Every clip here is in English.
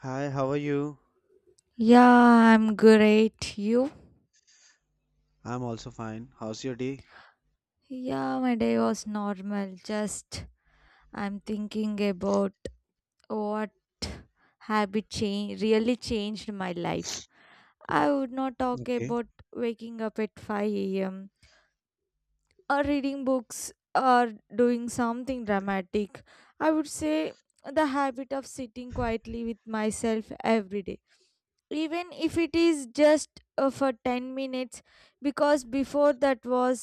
Hi, how are you? Yeah, I'm great. You? I'm also fine. How's your day? Yeah, my day was normal. Just I'm thinking about what habit change really changed my life. I would not talk Okay. about waking up at 5 a.m. or reading books or doing something dramatic. I would say the habit of sitting quietly with myself every day, even if it is just for 10 minutes, because before that, was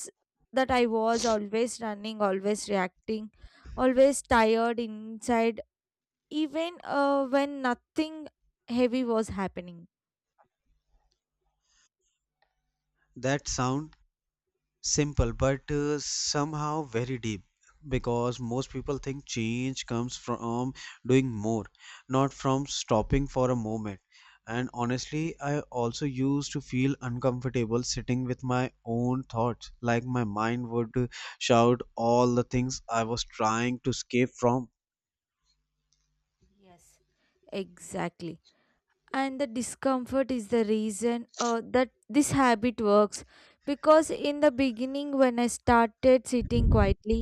that I was always running, always reacting, always tired inside, even when nothing heavy was happening. That sound simple but somehow very deep because most people think change comes from doing more, not from stopping for a moment. And honestly, I also used to feel uncomfortable sitting with my own thoughts, like my mind would shout all the things I was trying to escape from. Yes, exactly. And the discomfort is the reason that this habit works, because in the beginning when I started sitting quietly,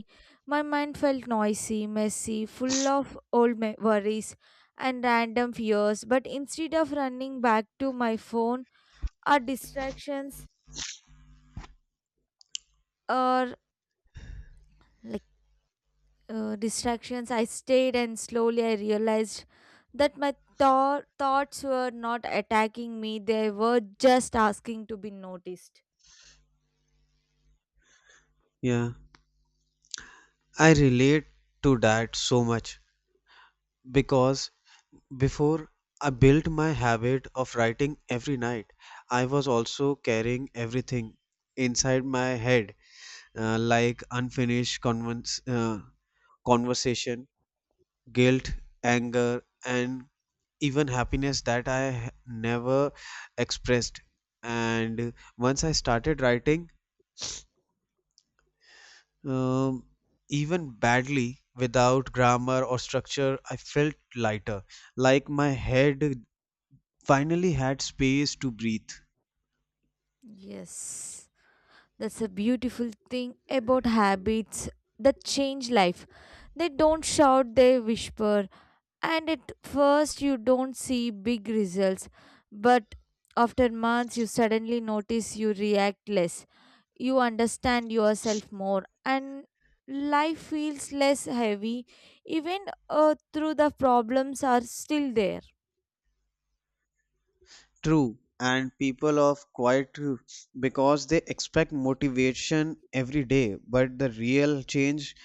my mind felt noisy, messy, full of worries and random fears. But instead of running back to my phone or distractions or like distractions, I stayed, and slowly I realized that my thoughts were not attacking me, they were just asking to be noticed. Yeah, I relate to that so much because before I built my habit of writing every night, I was also carrying everything inside my head, like unfinished conversation, guilt, anger, and even happiness that I never expressed. And once I started writing, um, even badly, without grammar or structure, I felt lighter, like my head finally had space to breathe. Yes, that's a beautiful thing about habits that change life. They don't shout, they whisper. And at first, you don't see big results. But after months, you suddenly notice you react less. You understand yourself more. And life feels less heavy, even through the problems are still there. True, and people of quiet too, because they expect motivation every day, but the real change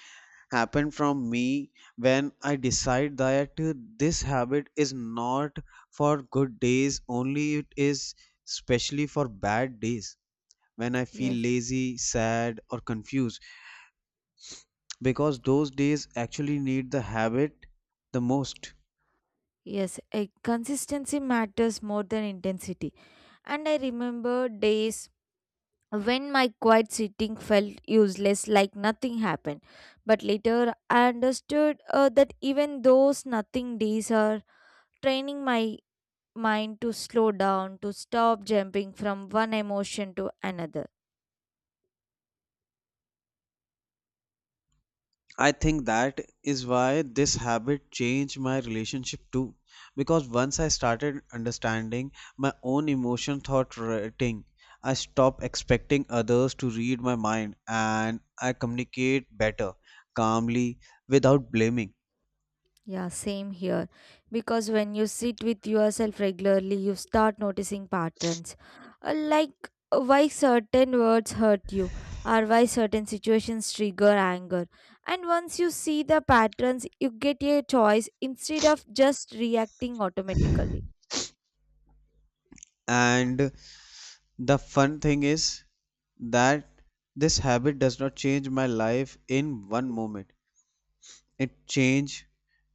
happened from me when I decide that this habit is not for good days only, it is specially for bad days when I feel Yes. lazy, sad, or confused, because those days actually need the habit the most. Yes, a consistency matters more than intensity. And I remember days when my quiet sitting felt useless, like nothing happened. But later, I understood that even those nothing days are training my mind to slow down, to stop jumping from one emotion to another. I think that is why this habit changed my relationship too. Because once I started understanding my own emotion thought writing, I stopped expecting others to read my mind and I communicate better, calmly, without blaming. Yeah, same here. Because when you sit with yourself regularly, you start noticing patterns. Like, why certain words hurt you, or why certain situations trigger anger. And once you see the patterns, you get a choice instead of just reacting automatically. And the fun thing is that this habit does not change my life in one moment. It changed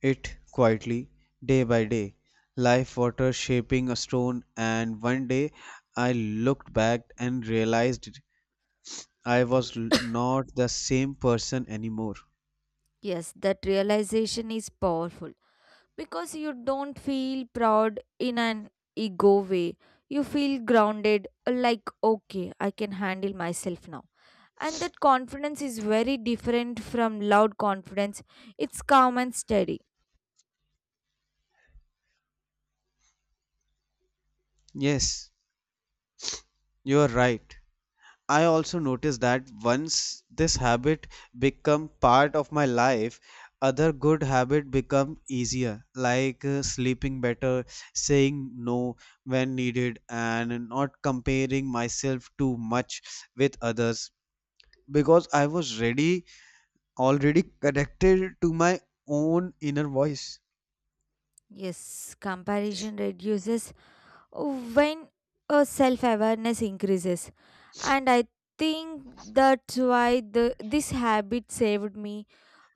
it quietly, day by day. Life water shaping a stone, and one day I looked back and realized I was not the same person anymore. Yes, that realization is powerful because you don't feel proud in an ego way. You feel grounded, like, okay, I can handle myself now. And that confidence is very different from loud confidence. It's calm and steady. Yes, you are right. I also noticed that once this habit become part of my life, other good habit become easier, like sleeping better, saying no when needed, and not comparing myself too much with others because I was ready already connected to my own inner voice. Yes, comparison reduces when self-awareness increases. And I think that's why this habit saved me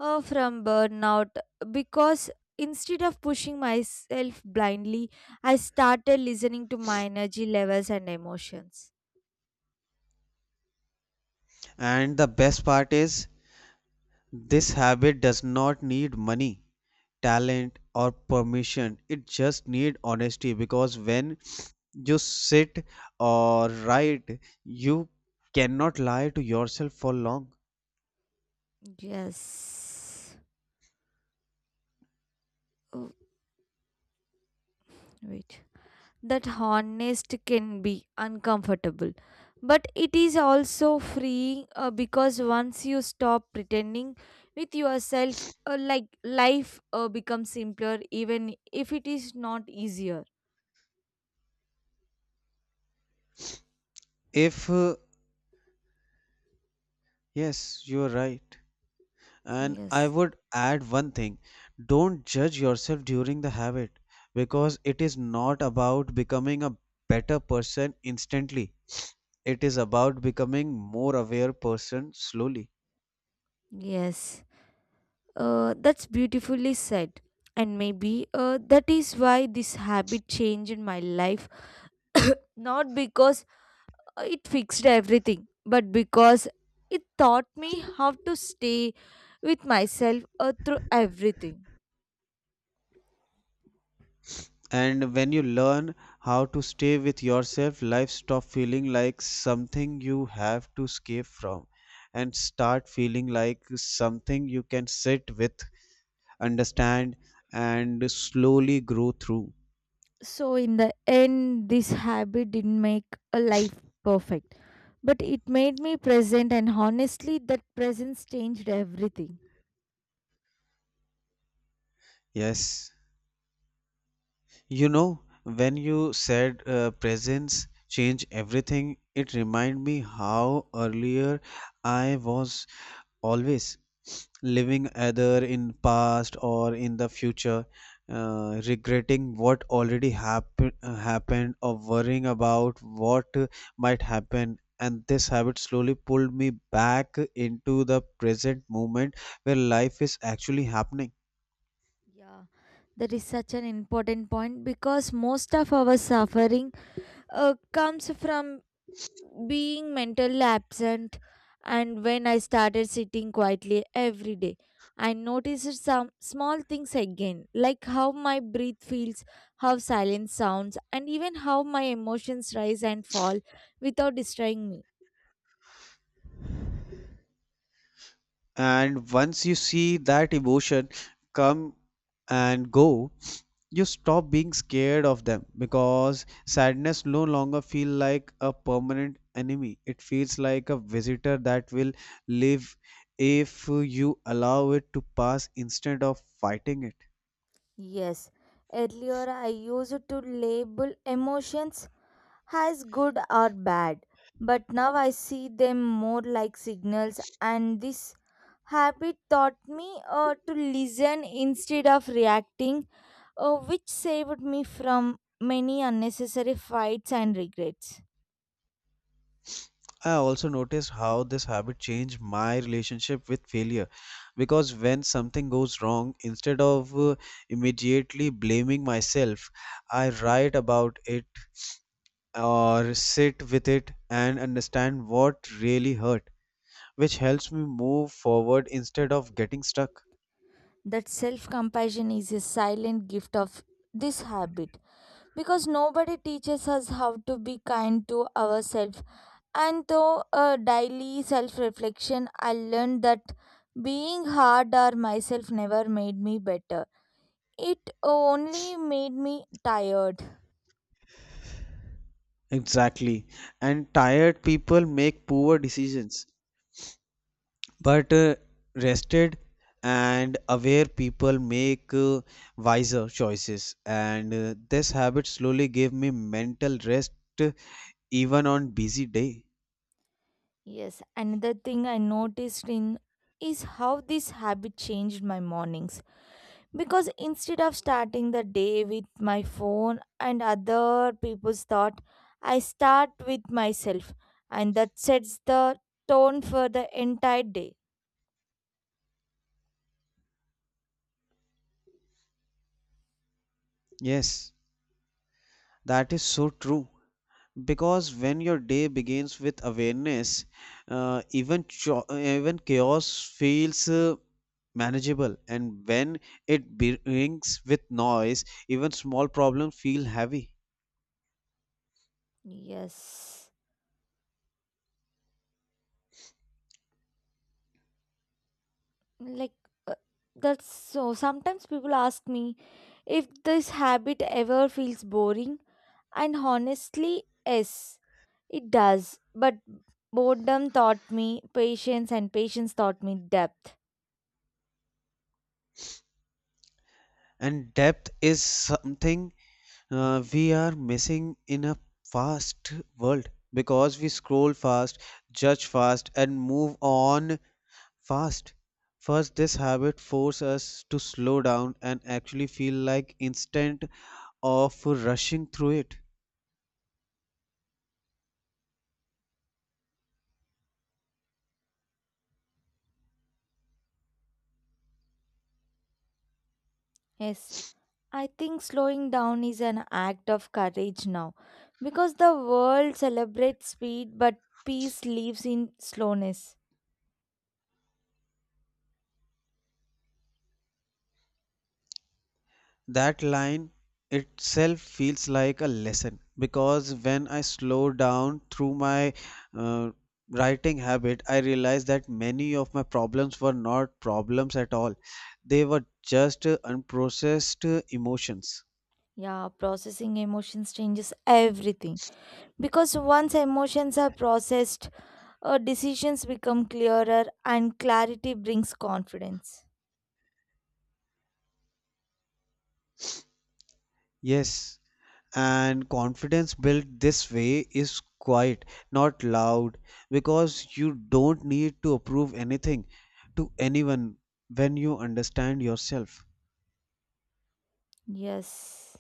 from burnout, because instead of pushing myself blindly, I started listening to my energy levels and emotions. And the best part is this habit does not need money, talent, or permission. It just needs honesty because when you sit or write, you cannot lie to yourself for long. Yes. Oh, wait, that honest can be uncomfortable, but it is also freeing, because once you stop pretending with yourself, like, life becomes simpler even if it is not easier. If, Yes, you're right. And I Yes. would add one thing, don't judge yourself during the habit because it is not about becoming a better person instantly. It is about becoming more aware person slowly. Yes, that's beautifully said. And maybe that is why this habit changed my life. Not because it fixed everything, but because it taught me how to stay with myself through everything. And when you learn how to stay with yourself, life stop feeling like something you have to escape from and start feeling like something you can sit with, understand, and slowly grow through. So in the end, this habit didn't make a life perfect, but it made me present, and honestly, that presence changed everything. Yes. You know, when you said presence change everything, it remind me how earlier I was always living either in past or in the future, regretting what already happened or worrying about what might happen. And this habit slowly pulled me back into the present moment where life is actually happening. Yeah, that is such an important point, because most of our suffering comes from being mentally absent. And when I started sitting quietly every day, I noticed some small things again, like how my breath feels, how silence sounds, and even how my emotions rise and fall without destroying me. And once you see that emotion come and go, you stop being scared of them because sadness no longer feel like a permanent enemy. It feels like a visitor that will live if you allow it to pass instead of fighting it. Yes, earlier I used to label emotions as good or bad, but now I see them more like signals, and this habit taught me to listen instead of reacting, which saved me from many unnecessary fights and regrets. I also noticed how this habit changed my relationship with failure because when something goes wrong, instead of immediately blaming myself, I write about it or sit with it and understand what really hurt, which helps me move forward instead of getting stuck. That self compassion is a silent gift of this habit, because nobody teaches us how to be kind to ourselves. And through a daily self reflection, I learned that being hard or myself never made me better. It only made me tired. Exactly. And tired people make poor decisions, but rested and aware people make wiser choices. And this habit slowly gave me mental rest, uh, even on busy day. Yes, another thing I noticed in is how this habit changed my mornings. Because instead of starting the day with my phone and other people's thought, I start with myself, and that sets the tone for the entire day. Yes, that is so true. Because when your day begins with awareness, even chaos feels manageable, and when it brings with noise even small problems feel heavy. Yes. Like, uh, that's so. Sometimes people ask me if this habit ever feels boring, and honestly, yes, it does. But boredom taught me patience, and patience taught me depth. And depth is something we are missing in a fast world because we scroll fast, judge fast, and move on fast. First, this habit forces us to slow down and actually feel like instant of rushing through it. Yes. I think slowing down is an act of courage now, because the world celebrates speed, but peace lives in slowness. That line itself feels like a lesson because when I slow down through my uh, writing habit, I realized that many of my problems were not problems at all. They were just unprocessed emotions. Yeah, processing emotions changes everything, because once emotions are processed, decisions become clearer, and clarity brings confidence. Yes, and confidence built this way is quiet, not loud, because you don't need to approve anything to anyone when you understand yourself. Yes.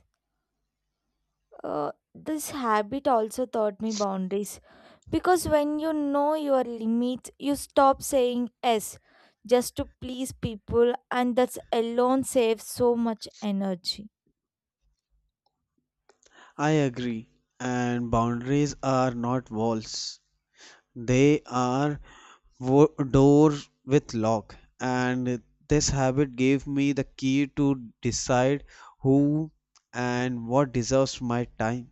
This habit also taught me boundaries, because when you know your limits, you stop saying yes just to please people, and that's alone saves so much energy. I agree. And boundaries are not walls, they are doors with lock. And this habit gave me the key to decide who and what deserves my time.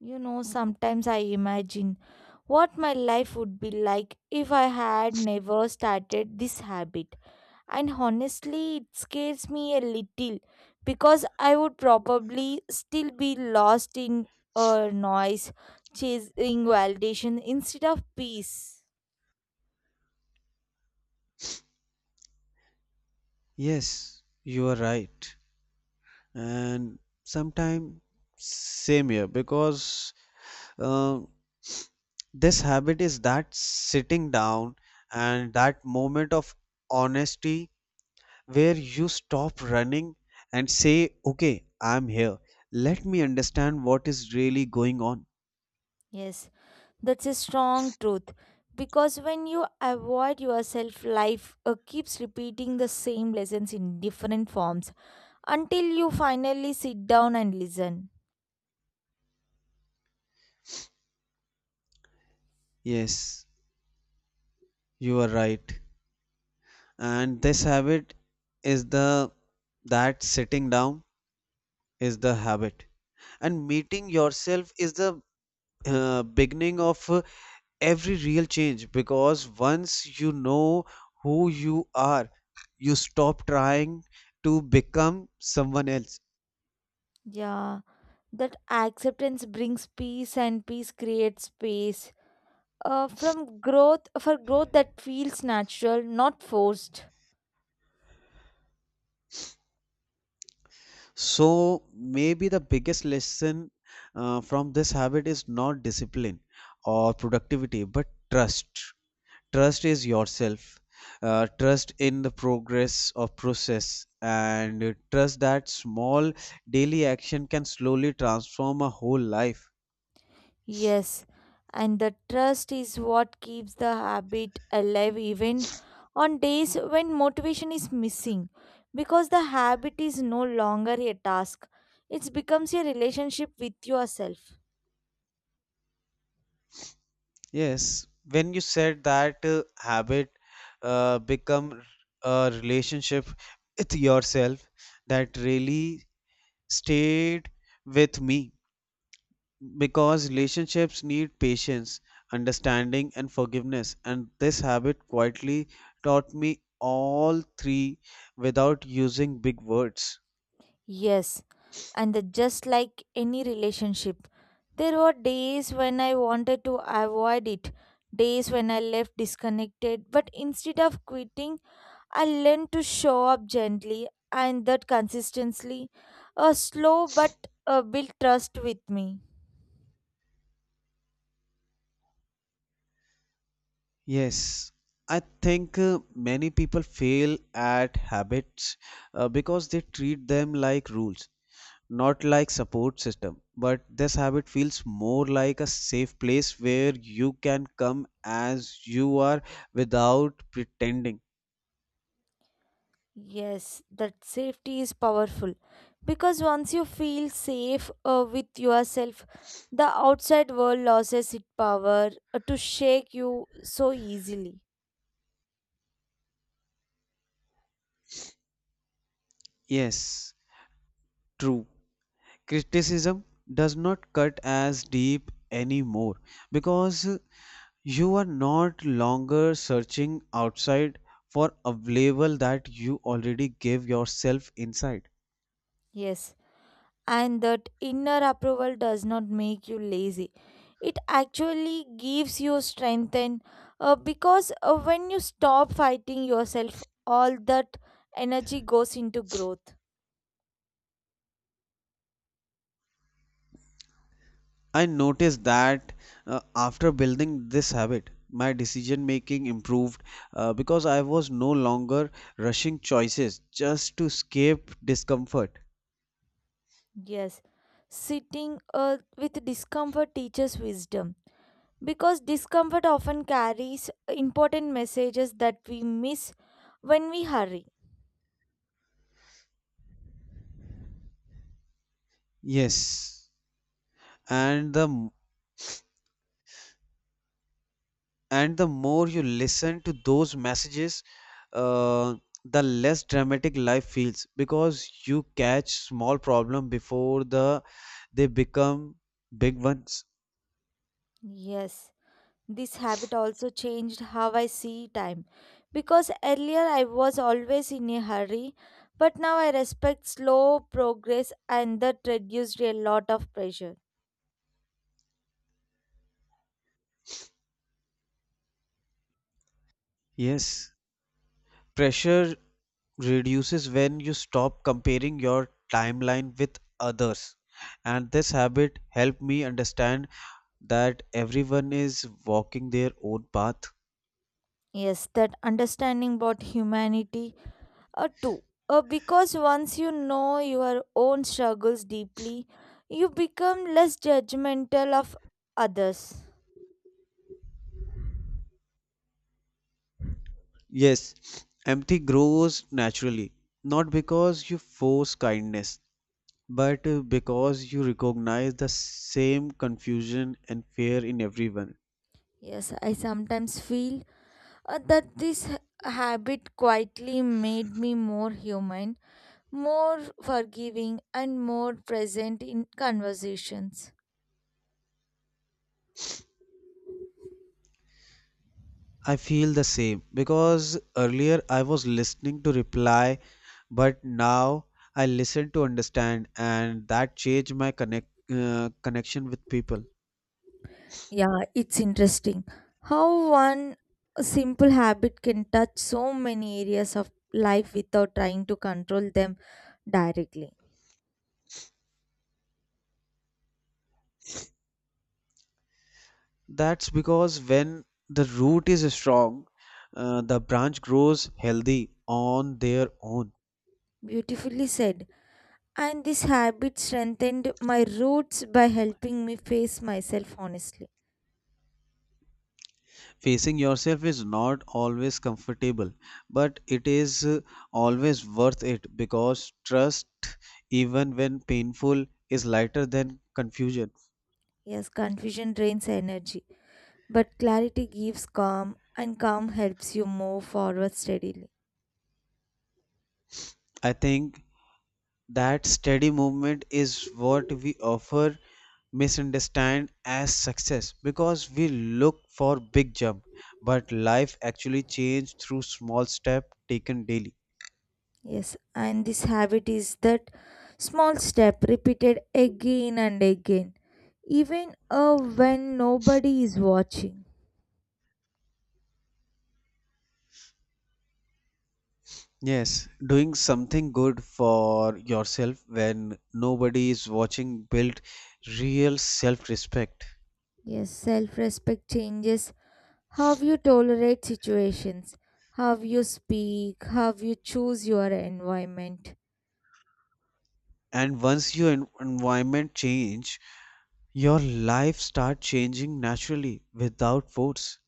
You know, sometimes I imagine what my life would be like if I had never started this habit, and honestly, it scares me a little, because I would probably still be lost in a noise, chasing validation instead of peace. Yes, you are right. And sometimes, same here, because uh, this habit is that sitting down and that moment of honesty where you stop running and say, "Okay, I'm here. Let me understand what is really going on." Yes, that's a strong truth, because when you avoid yourself, life keeps repeating the same lessons in different forms, until you finally sit down and listen. Yes, you are right. And this habit is the that sitting down is the habit. And meeting yourself is the beginning of every real change because once you know who you are, you stop trying to become someone else. Yeah, that acceptance brings peace, and peace creates space, from growth for growth that feels natural, not forced. So maybe the biggest lesson from this habit is not discipline or productivity, but trust. Trust is yourself. Trust in the progress of process and trust that small daily action can slowly transform a whole life. Yes, and the trust is what keeps the habit alive even on days when motivation is missing, because the habit is no longer a task, it becomes a relationship with yourself. Yes, when you said that habit become a relationship with yourself, that really stayed with me. Because relationships need patience, understanding, and forgiveness, and this habit quietly taught me all three without using big words. Yes, and just like any relationship, there were days when I wanted to avoid it, days when I left disconnected, but instead of quitting, I learned to show up gently, and that consistently, a slow but built trust with me. Yes, I think many people fail at habits because they treat them like rules, not like support system. But this habit feels more like a safe place where you can come as you are without pretending. Yes, that safety is powerful, because once you feel safe with yourself, the outside world loses its power to shake you so easily. Yes, true. Criticism does not cut as deep anymore because you are not longer searching outside for a label that you already gave yourself inside. Yes. And that inner approval does not make you lazy, it actually gives you strength, and because when you stop fighting yourself, all that energy goes into growth. I noticed that after building this habit, my decision making improved, because I was no longer rushing choices just to escape discomfort. Yes, sitting with discomfort teaches wisdom, because discomfort often carries important messages that we miss when we hurry. Yes, and and the more you listen to those messages, uh, the less dramatic life feels because you catch small problem before they become big ones. Yes. This habit also changed how I see time, because earlier I was always in a hurry, but now I respect slow progress, and that reduced a lot of pressure. Yes, pressure reduces when you stop comparing your timeline with others, and this habit helped me understand that everyone is walking their own path. Yes, that understanding about humanity too. Because once you know your own struggles deeply, you become less judgmental of others. Yes, empathy grows naturally, not because you force kindness, but because you recognize the same confusion and fear in everyone. Yes, I sometimes feel that this habit quietly made me more human, more forgiving, and more present in conversations. I feel the same because earlier I was listening to reply, but now I listen to understand, and that changed my connection with people. Yeah, it's interesting how one simple habit can touch so many areas of life without trying to control them directly. That's because when the root is strong, the branch grows healthy on their own. Beautifully said. And this habit strengthened my roots by helping me face myself honestly. Facing yourself is not always comfortable, but it is always worth it because trust, even when painful, is lighter than confusion. Yes, confusion drains energy, but clarity gives calm, and calm helps you move forward steadily. I think that steady movement is what we offer misunderstand as success because we look for big jump, but life actually changed through small step taken daily. Yes, and this habit is that small step repeated again and again, even when nobody is watching. Yes, doing something good for yourself when nobody is watching build real self-respect. Yes, self respect changes how you tolerate situations, how you speak, how you choose your environment. And once your environment change, your life start changing naturally without force.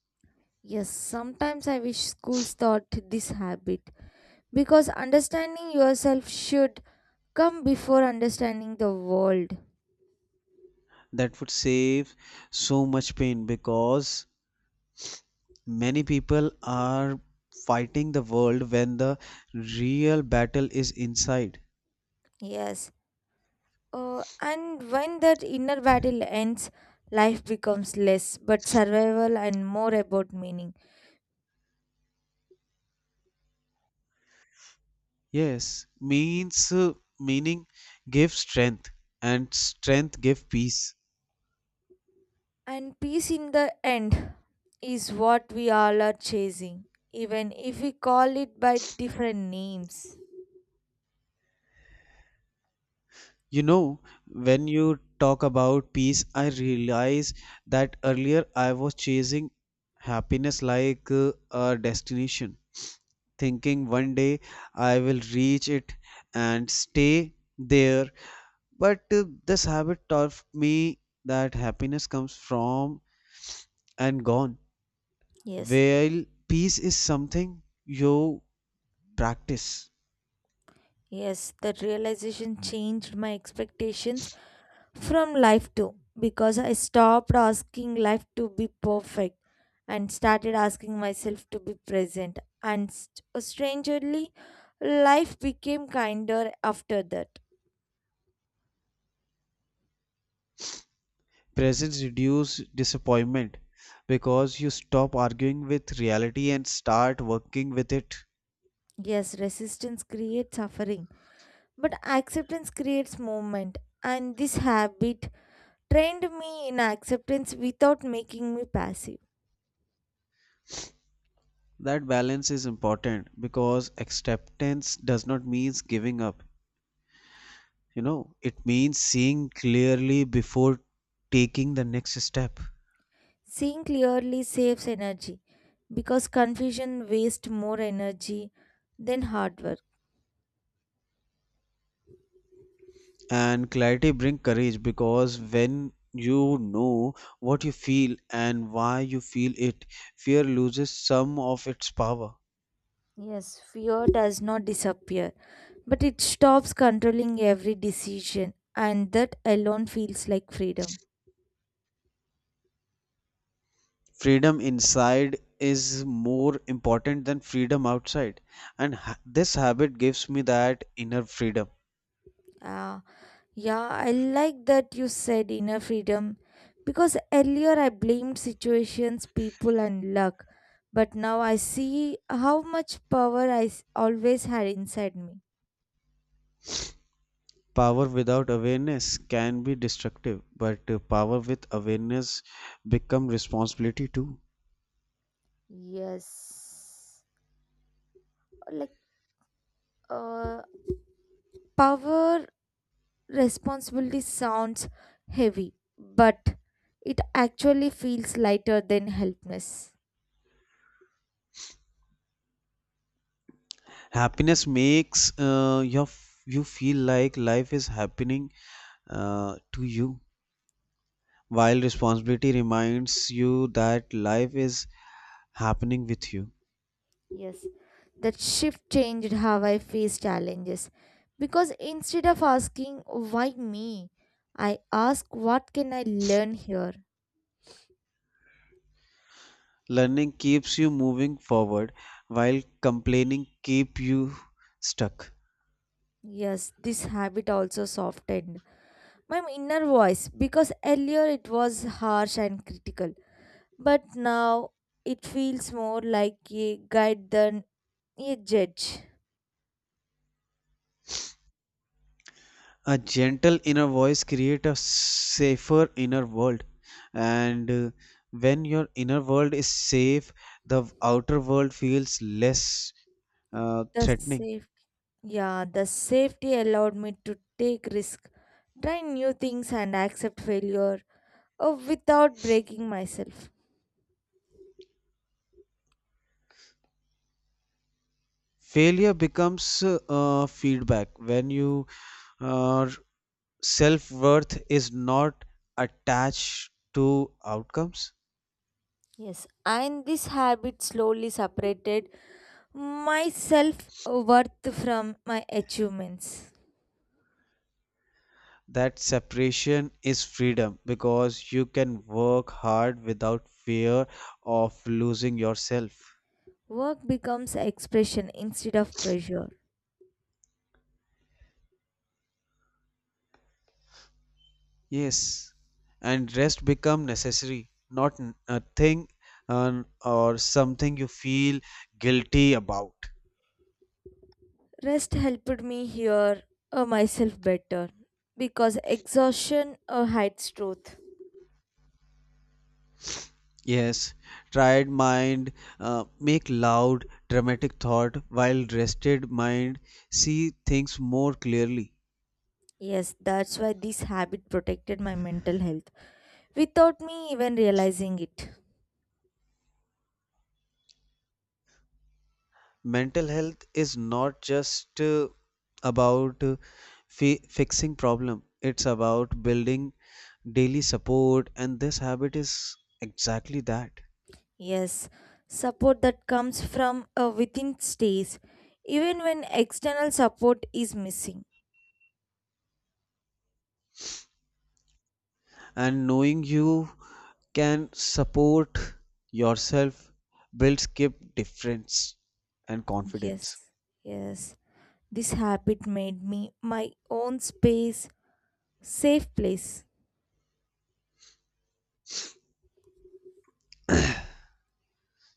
Yes, sometimes I wish schools taught this habit, because understanding yourself should come before understanding the world. That would save so much pain because many people are fighting the world when the real battle is inside. Yes. And when that inner battle ends, life becomes less but survival and more about meaning. Yes, means meaning give strength and strength give peace. And peace in the end is what we all are chasing, even if we call it by different names. You know, when you talk about peace, I realize that earlier I was chasing happiness like a destination, thinking one day I will reach it and stay there. But this habit taught me that happiness comes from and gone, Yes, while peace is something you practice. yes, that realization changed my expectations from life too, because I stopped asking life to be perfect and started asking myself to be present. And strangely, life became kinder after that. Presence reduces disappointment because you stop arguing with reality and start working with it. Yes, resistance creates suffering, but acceptance creates movement. And this habit trained me in acceptance without making me passive. That balance is important because acceptance does not mean giving up. You know, it means seeing clearly before taking the next step. Seeing clearly saves energy, because confusion wastes more energy than hard work. And clarity brings courage because when you know what you feel and why you feel it, fear loses some of its power. Yes, fear does not disappear, but it stops controlling every decision, and that alone feels like freedom. Freedom inside is more important than freedom outside, and this habit gives me that inner freedom. Ah, yeah, I like that you said inner freedom, because earlier I blamed situations, people, and luck, but now I see how much power always had inside me. Power without awareness can be destructive, but power with awareness become responsibility too. Yes, like, uh, power responsibility sounds heavy, but it actually feels lighter than helpless. Happiness makes you feel like life is happening to you, while responsibility reminds you that life is happening with you. Yes, that shift changed how I face challenges, because instead of asking, why me? I ask, what can I learn here? Learning keeps you moving forward while complaining keep you stuck. Yes, this habit also softened my inner voice, because earlier it was harsh and critical, but now it feels more like a guide than a judge. A gentle inner voice creates a safer inner world, and when your inner world is safe, the outer world feels less The threatening. safe Yeah, the safety allowed me to take risk, try new things, and accept failure without breaking myself. Failure becomes feedback when you uh, self worth is not attached to outcomes. Yes, and this habit slowly separated my self worth from my achievements. That separation is freedom because you can work hard without fear of losing yourself. Work becomes expression instead of pressure. Yes, and rest become necessary, not a thing or something you feel guilty about. Rest helped me hear myself better, because exhaustion hides truth. Yes, tired mind make loud dramatic thought while rested mind see things more clearly. Yes, that's why this habit protected my mental health, without me even realizing it. Mental health is not just about fixing problem. It's about building daily support, and this habit is exactly that. Yes, support that comes from within stays, even when external support is missing. And knowing you can support yourself builds keep difference and Yes, confidence. yes, this habit made me my own space, safe place.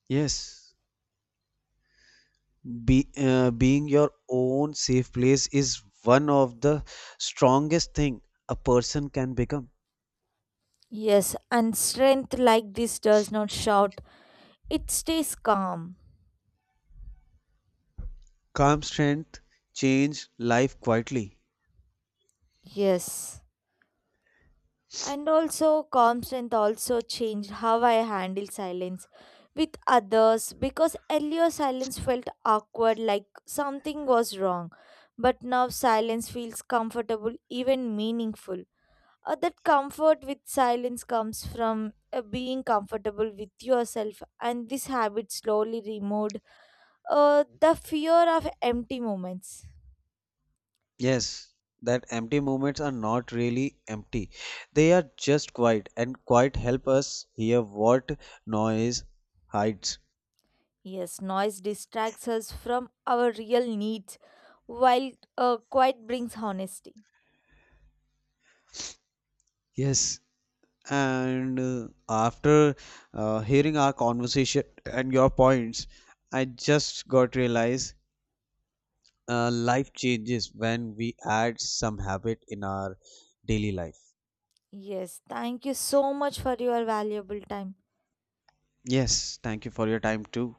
Yes, being your own safe place is one of the strongest thing a person can become. Yes, and strength like this does not shout, it stays calm. Calm strength change life quietly. Yes. And also, calm strength also changed how I handle silence with others, because earlier silence felt awkward, like something was wrong. But now silence feels comfortable, even meaningful. That comfort with silence comes from being comfortable with yourself, and this habit slowly removed the fear of empty moments. Yes, that empty moments are not really empty. They are just quiet, and quiet help us hear what noise hides. Yes, noise distracts us from our real needs, while quiet brings honesty. Yes. And after hearing our conversation and your points, I just got realized life changes when we add some habit in our daily life. Yes, thank you so much for your valuable time. Yes, thank you for your time too.